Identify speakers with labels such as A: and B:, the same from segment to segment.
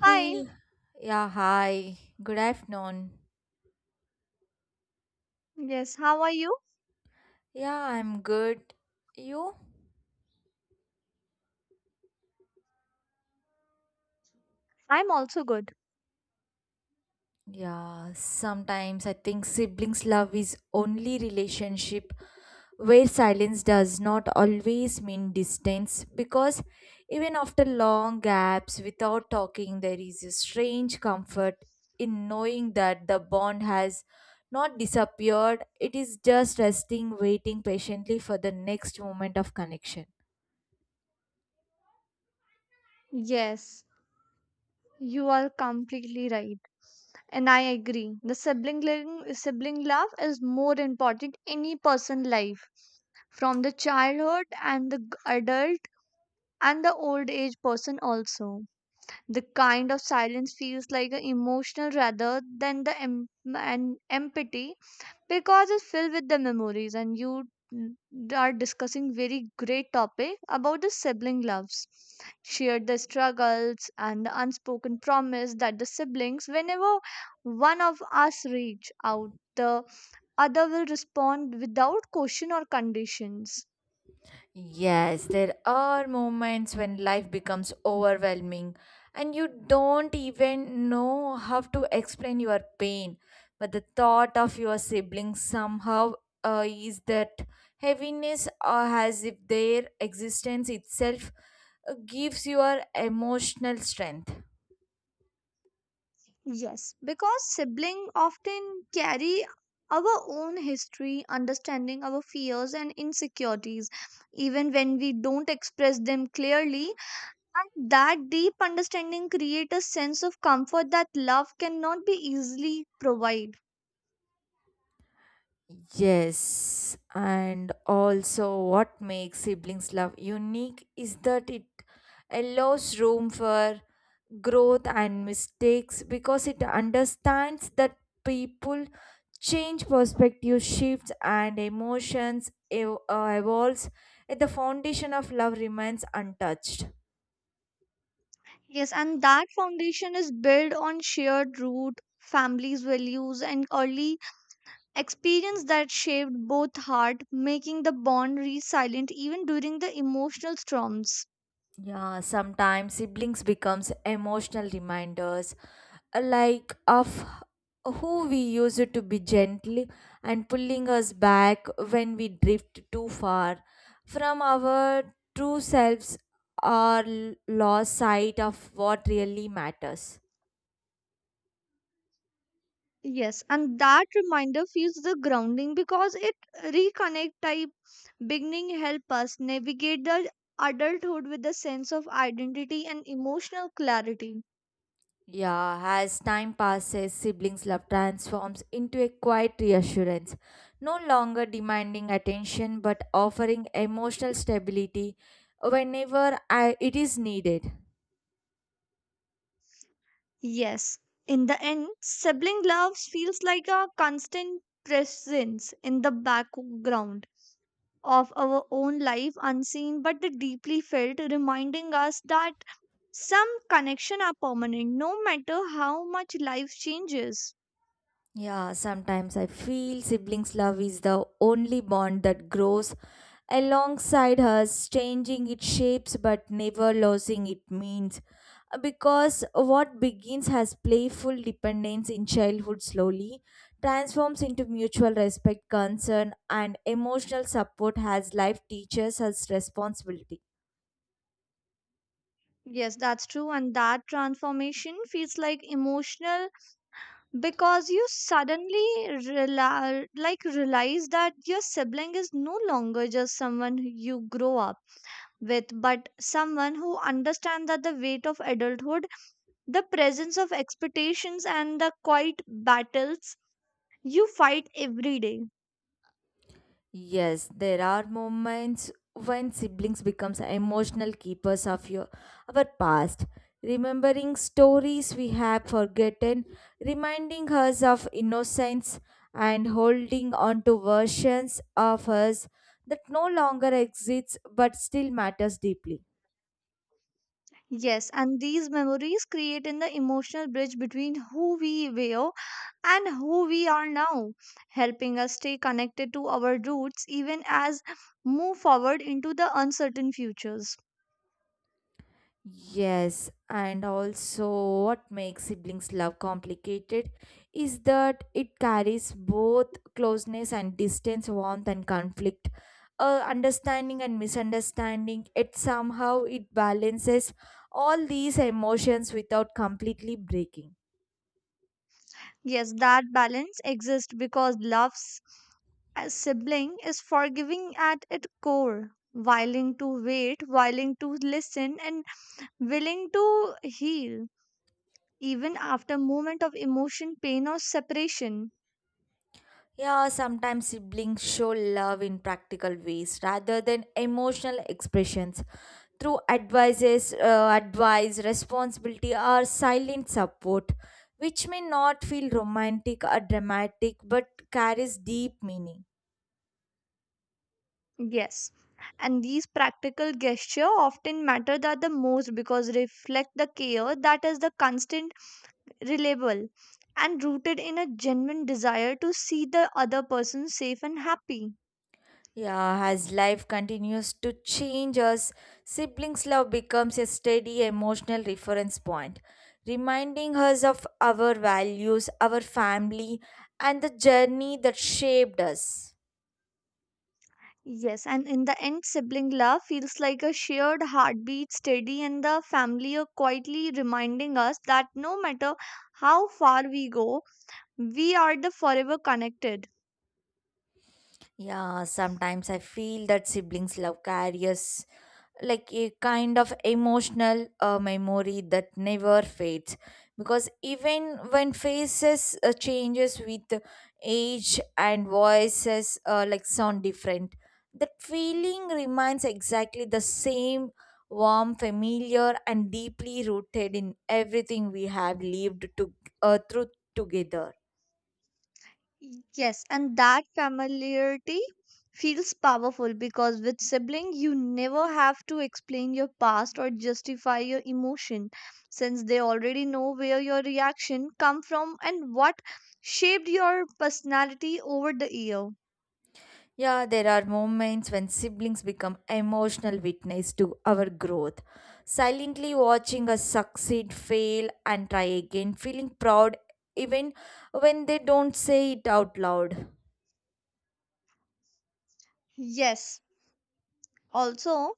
A: Hi.
B: Hey, yeah, hi. Good afternoon.
A: Yes, how are you?
B: Yeah, I'm good. You?
A: I'm also good.
B: Yeah, sometimes I think siblings' love is only relationship where silence does not always mean distance because even after long gaps without talking, there is a strange comfort in knowing that the bond has not disappeared. It is just resting, waiting patiently for the next moment of connection.
A: Yes, you are completely right. And I agree. The sibling living, sibling love is more important in any person life from the childhood and the adult and the old age person also. The kind of silence feels like an emotional rather than the an empathy because it's filled with the memories and you are discussing very great topic about the sibling loves shared the struggles and the unspoken promise that the siblings whenever one of us reach out the other will respond without question or conditions.
B: Yes, there are moments when life becomes overwhelming and you don't even know how to explain your pain. But the thought of your siblings somehow is that heaviness, or as if their existence itself gives your emotional strength.
A: Yes, because sibling often carry our own history understanding our fears and insecurities even when we don't express them clearly. And that deep understanding creates a sense of comfort that love cannot be easily provide.
B: Yes, and also what makes siblings love unique is that it allows room for growth and mistakes because it understands that people change perspective shifts and emotions evolves yet the foundation of love remains untouched.
A: Yes, and that foundation is built on shared root, families' values, and early experience that shaped both heart, making the bond resilient even during the emotional storms.
B: Yeah, sometimes siblings becomes emotional reminders like of who we used to be gently and pulling us back when we drift too far from our true selves or lost sight of what really matters.
A: Yes, and that reminder feels the grounding because it reconnect type beginning help us navigate the adulthood with a sense of identity and emotional clarity.
B: Yeah, as time passes, siblings' love transforms into a quiet reassurance, no longer demanding attention but offering emotional stability whenever it is needed.
A: Yes, in the end, sibling love feels like a constant presence in the background of our own life, unseen but deeply felt, reminding us that some connection are permanent no matter how much life changes.
B: Yeah, sometimes I feel siblings' love is the only bond that grows alongside us, changing its shapes but never losing its means. Because what begins as playful dependence in childhood slowly transforms into mutual respect, concern, and emotional support as life teaches us responsibility.
A: Yes, that's true, and that transformation feels like emotional because you suddenly like realize that your sibling is no longer just someone you grow up with, but someone who understands that the weight of adulthood, the presence of expectations, and the quiet battles you fight every day.
B: Yes, there are moments when siblings becomes emotional keepers of your our past, remembering stories we have forgotten, reminding us of innocence and holding on to versions of us that no longer exists but still matters deeply.
A: Yes, and these memories create in the emotional bridge between who we were and who we are now, helping us stay connected to our roots even as move forward into the uncertain futures.
B: Yes, and also what makes siblings love complicated is that it carries both closeness and distance, warmth and conflict, understanding and misunderstanding. It somehow it balances all these emotions without completely breaking.
A: Yes, that balance exists because love's as sibling is forgiving at its core, willing to wait, willing to listen, and willing to heal, even after moment of emotion, pain, or separation.
B: Yeah, sometimes siblings show love in practical ways rather than emotional expressions through advice, responsibility, or silent support, which may not feel romantic or dramatic but carries deep meaning.
A: Yes. And these practical gesture often matter that the most because reflect the care that is the constant, reliable, and rooted in a genuine desire to see the other person safe and happy.
B: Yeah, as life continues to change us, siblings' love becomes a steady emotional reference point, reminding us of our values, our family, and the journey that shaped us.
A: Yes, and in the end, sibling love feels like a shared heartbeat, steady in the family, or quietly reminding us that no matter how far we go, we are the forever connected.
B: Yeah, sometimes I feel that siblings' love carries like a kind of emotional memory that never fades because even when faces changes with age and voices like sound different, that feeling remains exactly the same, warm, familiar, and deeply rooted in everything we have lived through together.
A: Yes, and that familiarity feels powerful because with sibling you never have to explain your past or justify your emotion since they already know where your reaction come from and what shaped your personality over the year.
B: Yeah, there are moments when siblings become emotional witness to our growth, silently watching us succeed, fail, and try again, feeling proud even when they don't say it out loud.
A: Yes, also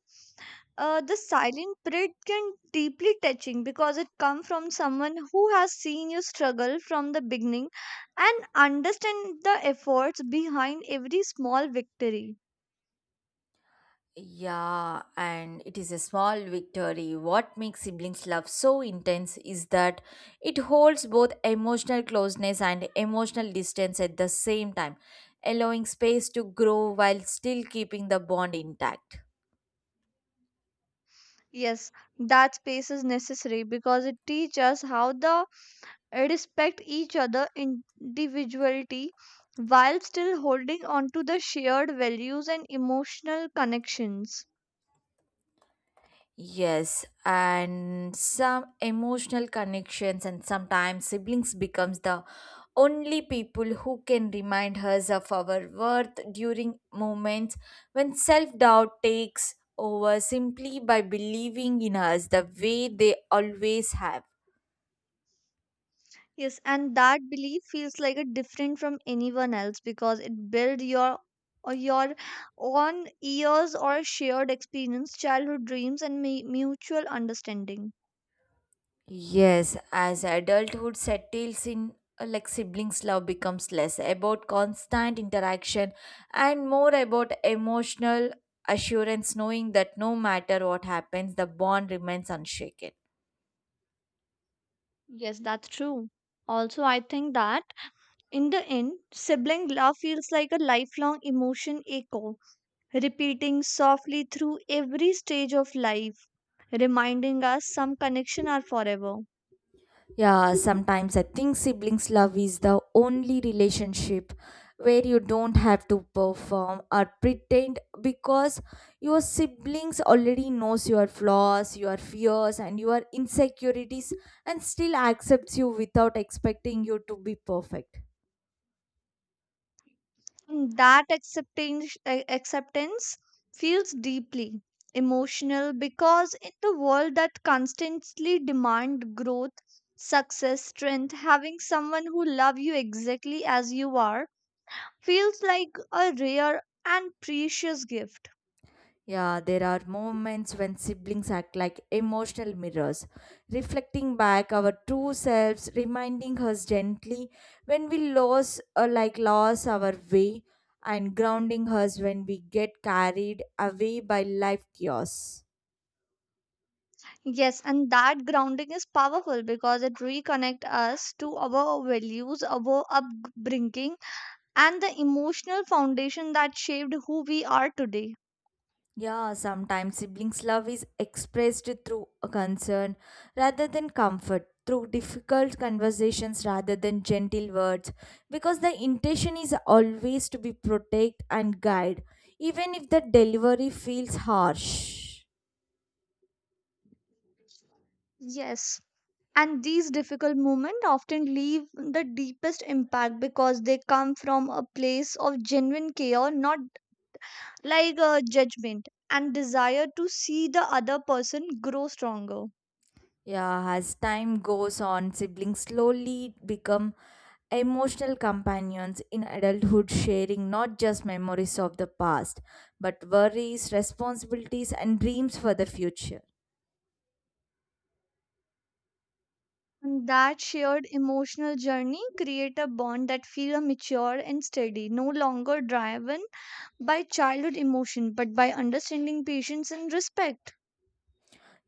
A: the silent pride can deeply touching because it comes from someone who has seen you struggle from the beginning and understand the efforts behind every small victory.
B: Yeah, and it is a small victory. What makes siblings' love so intense is that it holds both emotional closeness and emotional distance at the same time, allowing space to grow while still keeping the bond intact.
A: Yes, that space is necessary because it teaches us how to respect each other individuality while still holding on to the shared values and emotional connections.
B: Yes, and some emotional connections, and sometimes siblings becomes the only people who can remind us of our worth during moments when self-doubt takes over simply by believing in us the way they always have.
A: Yes, and that belief feels like a different from anyone else because it built your or your own years or shared experience, childhood dreams, and mutual understanding.
B: Yes, as adulthood settles in, like siblings' love becomes less about constant interaction and more about emotional assurance, knowing that no matter what happens, the bond remains unshaken.
A: Yes, that's true. Also, I think that in the end, sibling love feels like a lifelong emotion echo, repeating softly through every stage of life, reminding us some connection are forever.
B: Yeah, sometimes I think siblings' love is the only relationship where you don't have to perform or pretend because your siblings already knows your flaws, your fears and your insecurities and still accepts you without expecting you to be perfect.
A: And that acceptance, acceptance feels deeply emotional because in the world that constantly demand growth success strength having someone who love you exactly as you are feels like a rare and precious gift.
B: Yeah, there are moments when siblings act like emotional mirrors, reflecting back our true selves, reminding us gently when we lose or like lost our way, and grounding us when we get carried away by life chaos.
A: Yes, and that grounding is powerful because it reconnect us to our values our upbringing and the emotional foundation that shaped who we are today.
B: Yeah, sometimes siblings' love is expressed through a concern rather than comfort, through difficult conversations rather than gentle words, because the intention is always to be protect and guide, even if the delivery feels harsh.
A: Yes, and these difficult moments often leave the deepest impact because they come from a place of genuine care not like a judgment and desire to see the other person grow stronger.
B: Yeah, as time goes on, siblings slowly become emotional companions in adulthood, sharing not just memories of the past, but worries, responsibilities, and dreams for the future.
A: And that shared emotional journey create a bond that feels mature and steady no longer driven by childhood emotion but by understanding patience and respect.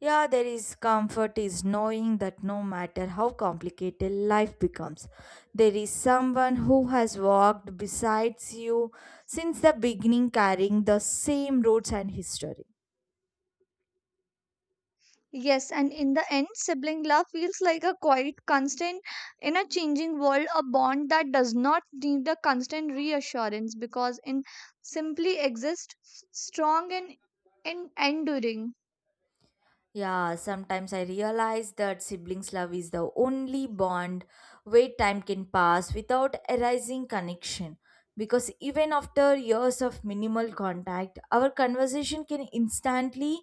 B: Yeah, there is comfort is knowing that no matter how complicated life becomes, there is someone who has walked besides you since the beginning carrying the same roots and history.
A: Yes, and in the end, sibling love feels like a quiet constant in a changing world, a bond that does not need a constant reassurance because it simply exists strong and enduring.
B: Yeah, sometimes I realize that siblings' love is the only bond where time can pass without erasing connection. Because even after years of minimal contact, our conversation can instantly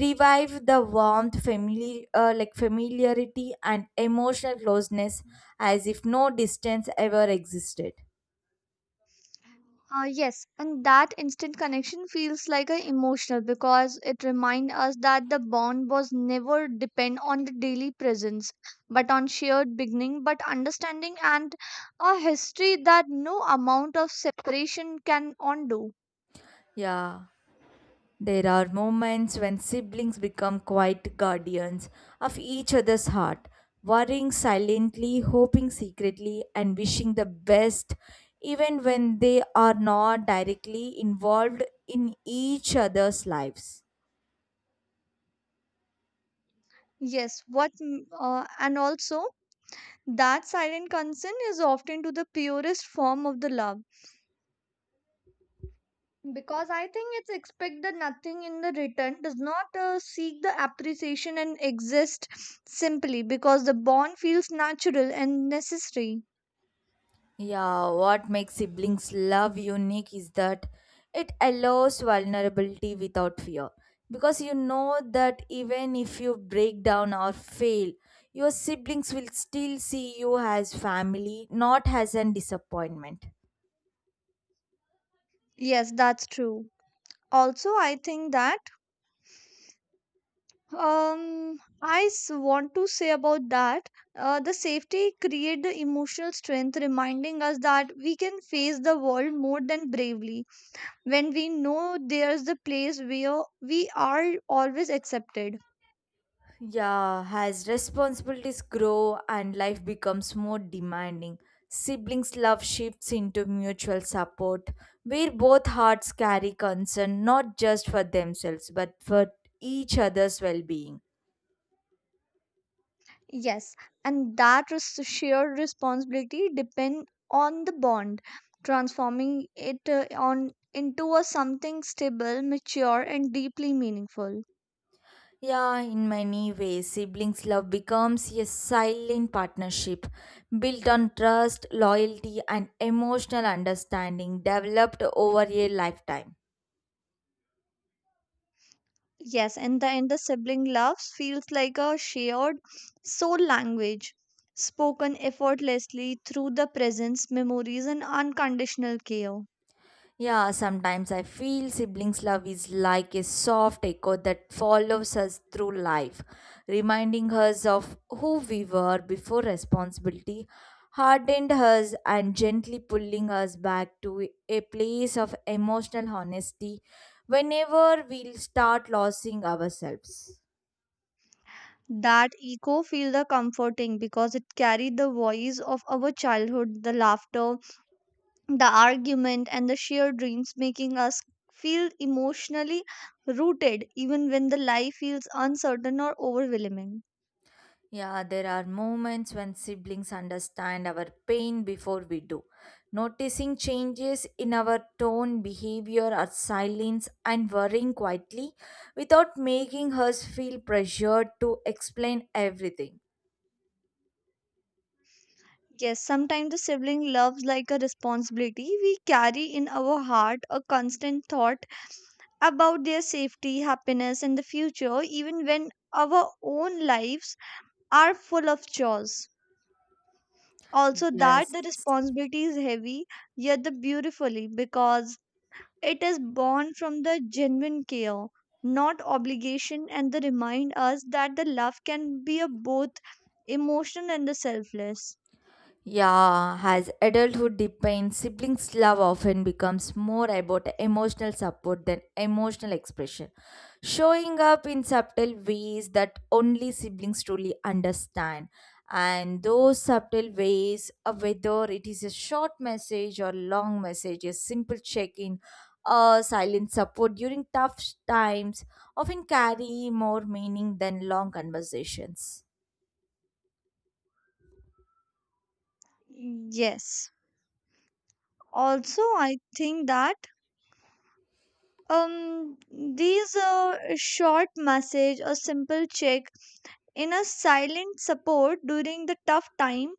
B: revive the warmth, like familiarity, and emotional closeness as if no distance ever existed.
A: Yes, and that instant connection feels like a emotional because it reminds us that the bond was never depend on the daily presence, but on shared beginning, but understanding and a history that no amount of separation can undo.
B: Yeah. There are moments when siblings become quiet guardians of each other's heart, worrying silently, hoping secretly, and wishing the best, even when they are not directly involved in each other's lives.
A: Yes, what and also that silent consent is often to the purest form of the love because I think it's expect that nothing in the return does not seek the appreciation and exist simply because the bond feels natural and necessary.
B: Yeah, what makes siblings love unique is that it allows vulnerability without fear. Because you know that even if you break down or fail, your siblings will still see you as family, not as an disappointment.
A: Yes, that's true. Also, I think that I want to say about that the safety create the emotional strength, reminding us that we can face the world more than bravely when we know there's the place where we are always accepted.
B: Yeah, as responsibilities grow and life becomes more demanding, siblings' love shifts into mutual support, where both hearts carry concern not just for themselves but for each other's well being.
A: Yes, and that shared responsibility depend on the bond, transforming it on into a something stable, mature, and deeply meaningful.
B: Yeah, in many ways, siblings' love becomes a silent partnership built on trust, loyalty, and emotional understanding developed over a lifetime.
A: Yes, in the end, the sibling love feels like a shared soul language, spoken effortlessly through the presence, memories, and unconditional care.
B: Yeah, sometimes I feel siblings' love is like a soft echo that follows us through life, reminding us of who we were before responsibility hardened us and gently pulling us back to a place of emotional honesty whenever we start losing ourselves.
A: That echo feel the comforting because it carried the voice of our childhood, the laughter, the argument, and the shared dreams, making us feel emotionally rooted even when the life feels uncertain or overwhelming.
B: Yeah, there are moments when siblings understand our pain before we do. Noticing changes in our tone, behavior, or silence, and worrying quietly without making us feel pressured to explain everything.
A: Yes, sometimes the sibling loves like a responsibility we carry in our heart, a constant thought about their safety, happiness, and the future, even when our own lives are full of chores. Also, that
B: Yes.
A: the responsibility is heavy, yet the beautifully because it is born from the genuine care, not obligation, and they remind us that the love can be a both emotional and the selfless.
B: Yeah, as adulthood deepens, siblings' love often becomes more about emotional support than emotional expression, showing up in subtle ways that only siblings truly understand. And those subtle ways, whether it is a short message or long message, a simple check in, or silent support during tough times, often carry more meaning than long conversations.
A: Yes. Also, I think that um these short message or simple check in a silent support during the tough time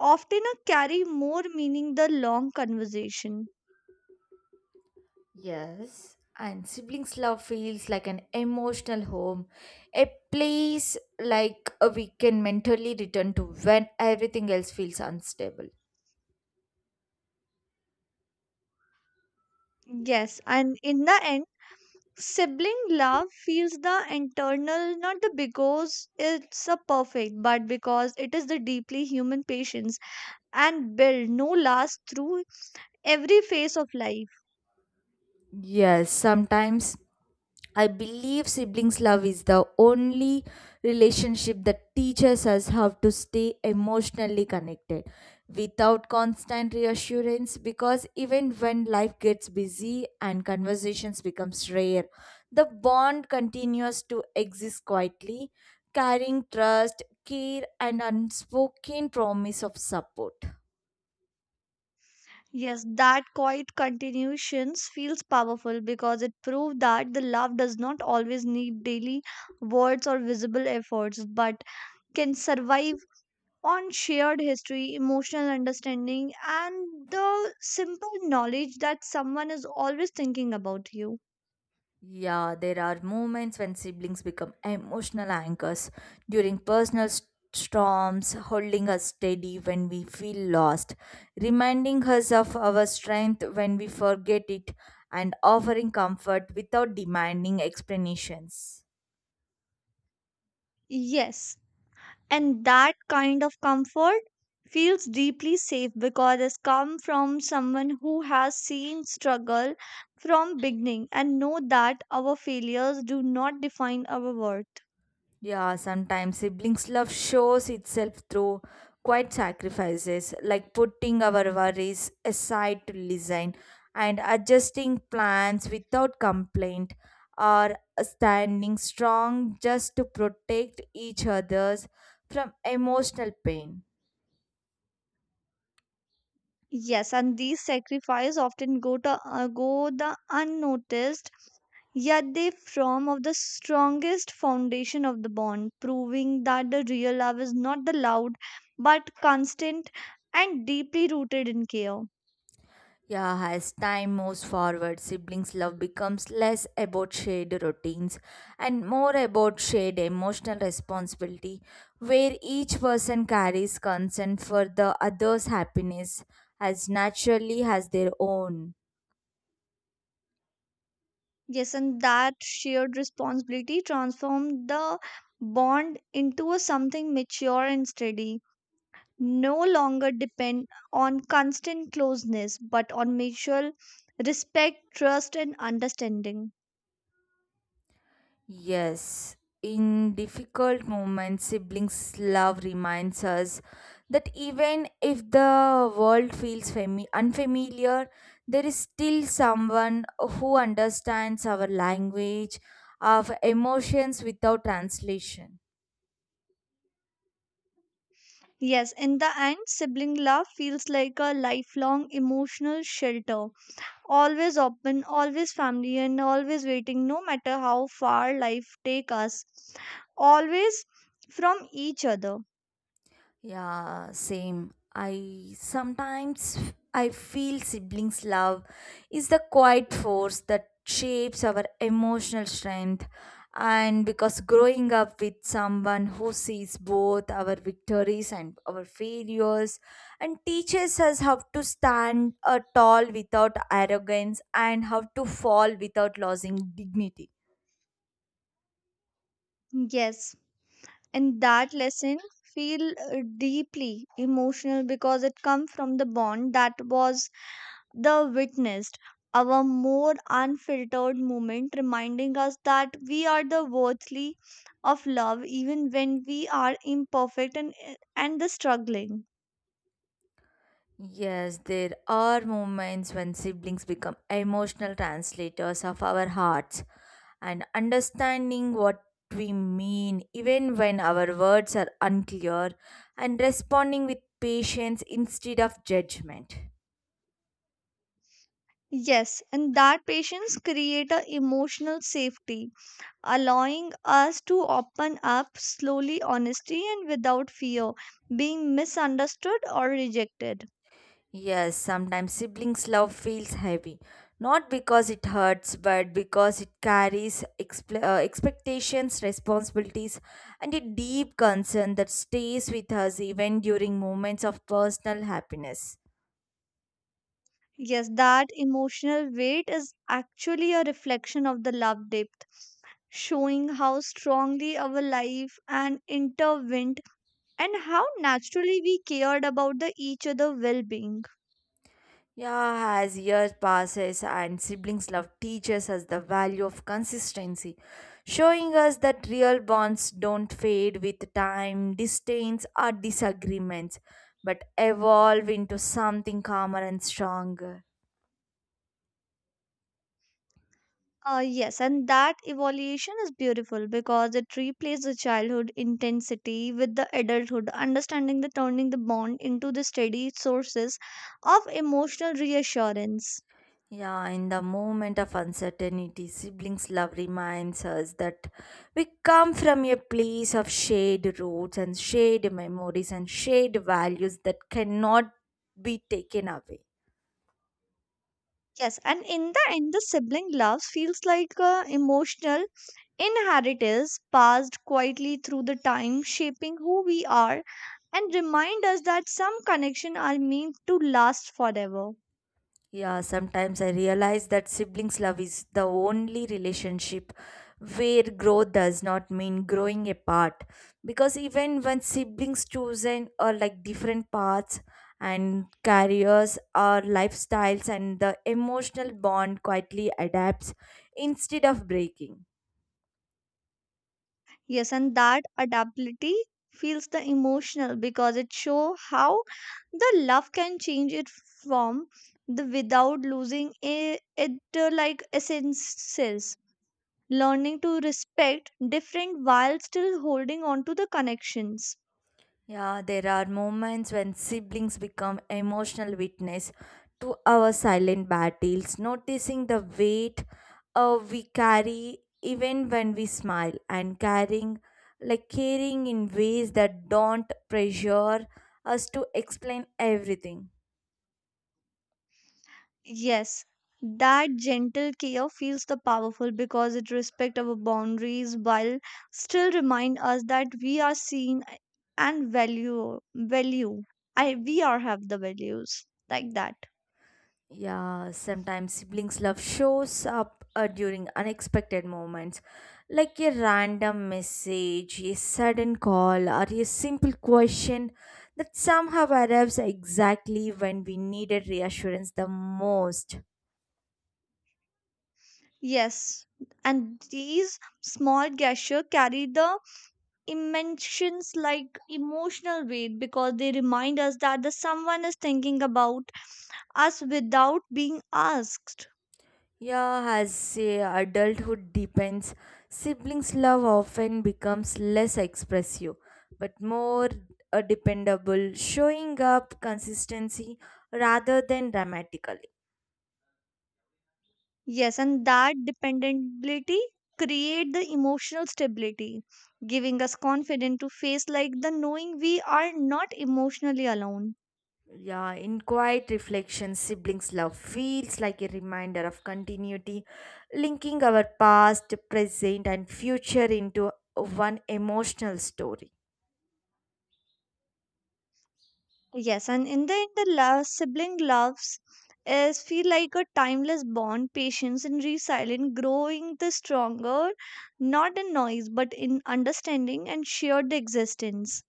A: often carry more meaning the long conversation.
B: Yes, and siblings' love feels like an emotional home, a place we can mentally return to when everything else feels unstable.
A: Yes, and in the end, sibling love feels the internal, not the because it's a perfect, but because it is the deeply human patience and build no last through every phase of life.
B: Yes, sometimes I believe siblings' love is the only relationship that teaches us how to stay emotionally connected without constant reassurance. Because even when life gets busy and conversations becomes rare, the bond continues to exist quietly, carrying trust, care, and unspoken promise of support.
A: Yes, that quiet continuations feels powerful because it proves that the love does not always need daily words or visible efforts, but can survive on shared history, emotional understanding, and the simple knowledge that someone is always thinking about you.
B: Yeah, there are moments when siblings become emotional anchors during personal storms, holding us steady when we feel lost, reminding us of our strength when we forget it, and offering comfort without demanding explanations.
A: Yes, and that kind of comfort feels deeply safe because it's come from someone who has seen struggle from beginning and know that our failures do not define our worth.
B: Yeah, sometimes siblings' love shows itself through quiet sacrifices, like putting our worries aside to listen and adjusting plans without complaint, or standing strong just to protect each other's from emotional pain.
A: Yes, and these sacrifices often go to go the unnoticed, yet they form of the strongest foundation of the bond, proving that the real love is not the loud, but constant and deeply rooted in care.
B: Yeah, as time moves forward, siblings' love becomes less about shared routines and more about shared emotional responsibility, where each person carries concern for the other's happiness as naturally as their own.
A: Yes, and that shared responsibility transforms the bond into a something mature and steady no longer depend on constant closeness but on mutual respect, trust, and understanding.
B: Yes, in difficult moments, siblings' love reminds us that even if the world feels unfamiliar, there is still someone who understands our language, of emotions without translation.
A: Yes, in the end, sibling love feels like a lifelong emotional shelter. Always open, always family, and always waiting, no matter how far life take us. Always from each other.
B: Yeah, same. I sometimes I feel siblings' love is the quiet force that shapes our emotional strength. And because growing up with someone who sees both our victories and our failures and teaches us how to stand tall without arrogance and how to fall without losing dignity.
A: Yes, and that lesson feel deeply emotional because it come from the bond that was the witnessed our more unfiltered moment, reminding us that we are the worthy of love even when we are imperfect and the struggling.
B: Yes, there are moments when siblings become emotional translators of our hearts and understanding what we mean, even when our words are unclear, and responding with patience instead of judgment.
A: Yes, and that patience create a emotional safety, allowing us to open up slowly, honesty and without fear, being misunderstood or rejected.
B: Yes, sometimes siblings' love feels heavy, not because it hurts, but because it carries expectations, responsibilities, and a deep concern that stays with us even during moments of personal happiness.
A: Yes, that emotional weight is actually a reflection of the love depth, showing how strongly our life and intertwined and how naturally we cared about the each other well-being.
B: Yeah, as years passes and siblings love teaches us the value of consistency, showing us that real bonds don't fade with time, distance, or disagreements, but evolve into something calmer and stronger.
A: Yes, and that evaluation is beautiful because it replaces the childhood intensity with the adulthood, understanding the turning the bond into the steady sources of emotional reassurance.
B: Yeah, in the moment of uncertainty, siblings love reminds us that we come from a place of shared roots and shared memories and shared values that cannot be taken away.
A: Yes, and in the end, the sibling love feels like emotional inheritance passed quietly through the time, shaping who we are and remind us that some connections are meant to last forever.
B: Yeah, sometimes I realize that siblings' love is the only relationship where growth does not mean growing apart. Because even when siblings chosen or like different paths and careers or lifestyles and the emotional bond quietly adapts instead of breaking.
A: Yes, and that adaptability feels the emotional because it shows how the love can change it from the without losing it, like essences. Learning to respect different while still holding on to the connections.
B: Yeah, there are moments when siblings become emotional witness to our silent battles, noticing the weight we carry even when we smile and carrying like caring in ways that don't pressure us to explain everything.
A: Yes, that gentle care feels the powerful because it respects our boundaries while still remind us that we are seen and value value. I we are have the values like that.
B: Yeah, sometimes siblings' love shows up during unexpected moments, like a random message, a sudden call, or a simple question that somehow arrives exactly when we needed reassurance the most.
A: Yes, and these small gestures carry the emotions like emotional weight because they remind us that the someone is thinking about us without being asked.
B: Yeah, as adulthood depends, siblings' love often becomes less expressive but more dependable, showing up consistency rather than dramatically.
A: Yes, and that dependability create the emotional stability, giving us confidence to face like the knowing we are not emotionally alone.
B: Yeah, in quiet reflection, siblings' love feels like a reminder of continuity, linking our past, present, and future into one emotional story.
A: Yes, and in the end, the love, sibling loves is feel like a timeless bond, patience and resilience, growing the stronger, not in noise, but in understanding and shared existence.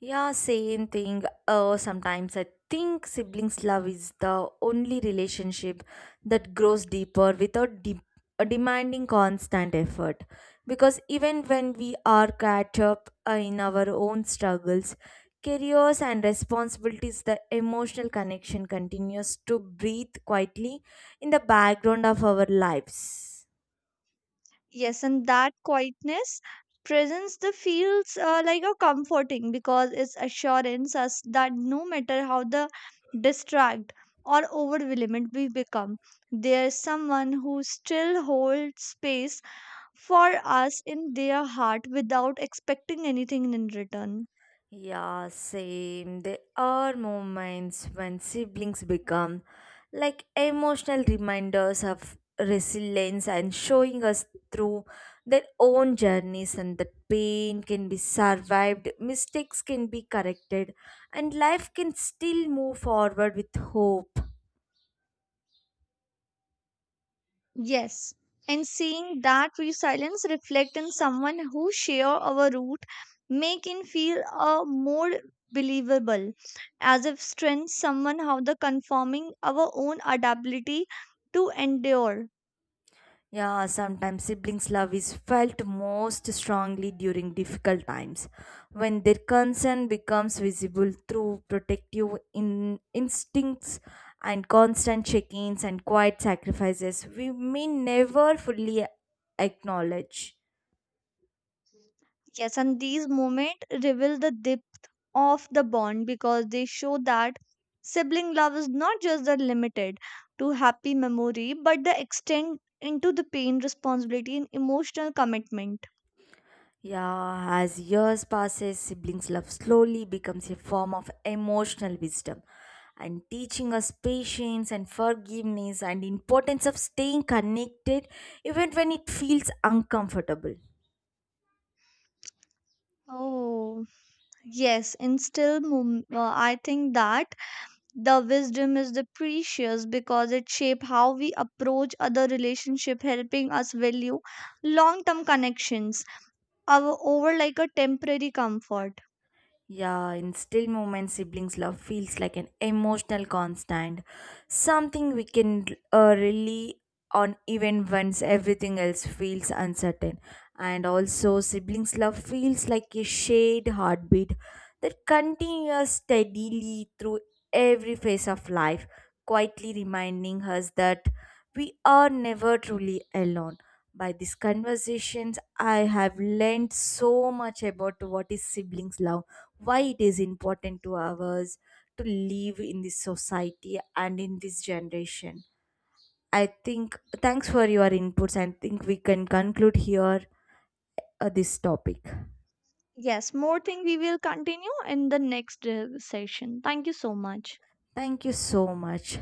B: Yeah, same thing. Sometimes I think siblings' love is the only relationship that grows deeper without demanding constant effort. Because even when we are caught up in our own struggles, careers, and responsibilities, the emotional connection continues to breathe quietly in the background of our lives.
A: Yes, and that quietness presents the feels like a comforting because it's assurance us that no matter how the distract or overwhelmed we become, there's someone who still holds space for us in their heart without expecting anything in return.
B: Yeah, same. There are moments when siblings become like emotional reminders of resilience and showing us through their own journeys, and that pain can be survived, mistakes can be corrected, and life can still move forward with hope.
A: Yes, and seeing that resilience reflect in someone who share our root make it feel more believable, as if strength someone how the conforming our own adaptability to endure.
B: Yeah, sometimes siblings' love is felt most strongly during difficult times, when their concern becomes visible through protective instincts and constant check ins and quiet sacrifices we may never fully acknowledge.
A: Yes, and these moments reveal the depth of the bond because they show that sibling love is not just the limited to happy memory, but the extend into the pain, responsibility, and emotional commitment.
B: Yeah, as years passes, siblings' love slowly becomes a form of emotional wisdom and teaching us patience and forgiveness and importance of staying connected even when it feels uncomfortable.
A: Oh. Yes, in still, I think that the wisdom is the precious because it shape how we approach other relationship, helping us value long-term connections our, over like a temporary comfort.
B: Yeah, in still moments, siblings' love feels like an emotional constant, something we can rely on even once everything else feels uncertain. And also, siblings' love feels like a shared heartbeat that continues steadily through every phase of life, quietly reminding us that we are never truly alone. By these conversations, I have learned so much about what is siblings' love why it is important to ours to live in this society and in this generation. I think thanks for your inputs. I think we can conclude here this topic.
A: Yes, more thing we will continue in the next session. Thank you so much.
B: Thank you so much.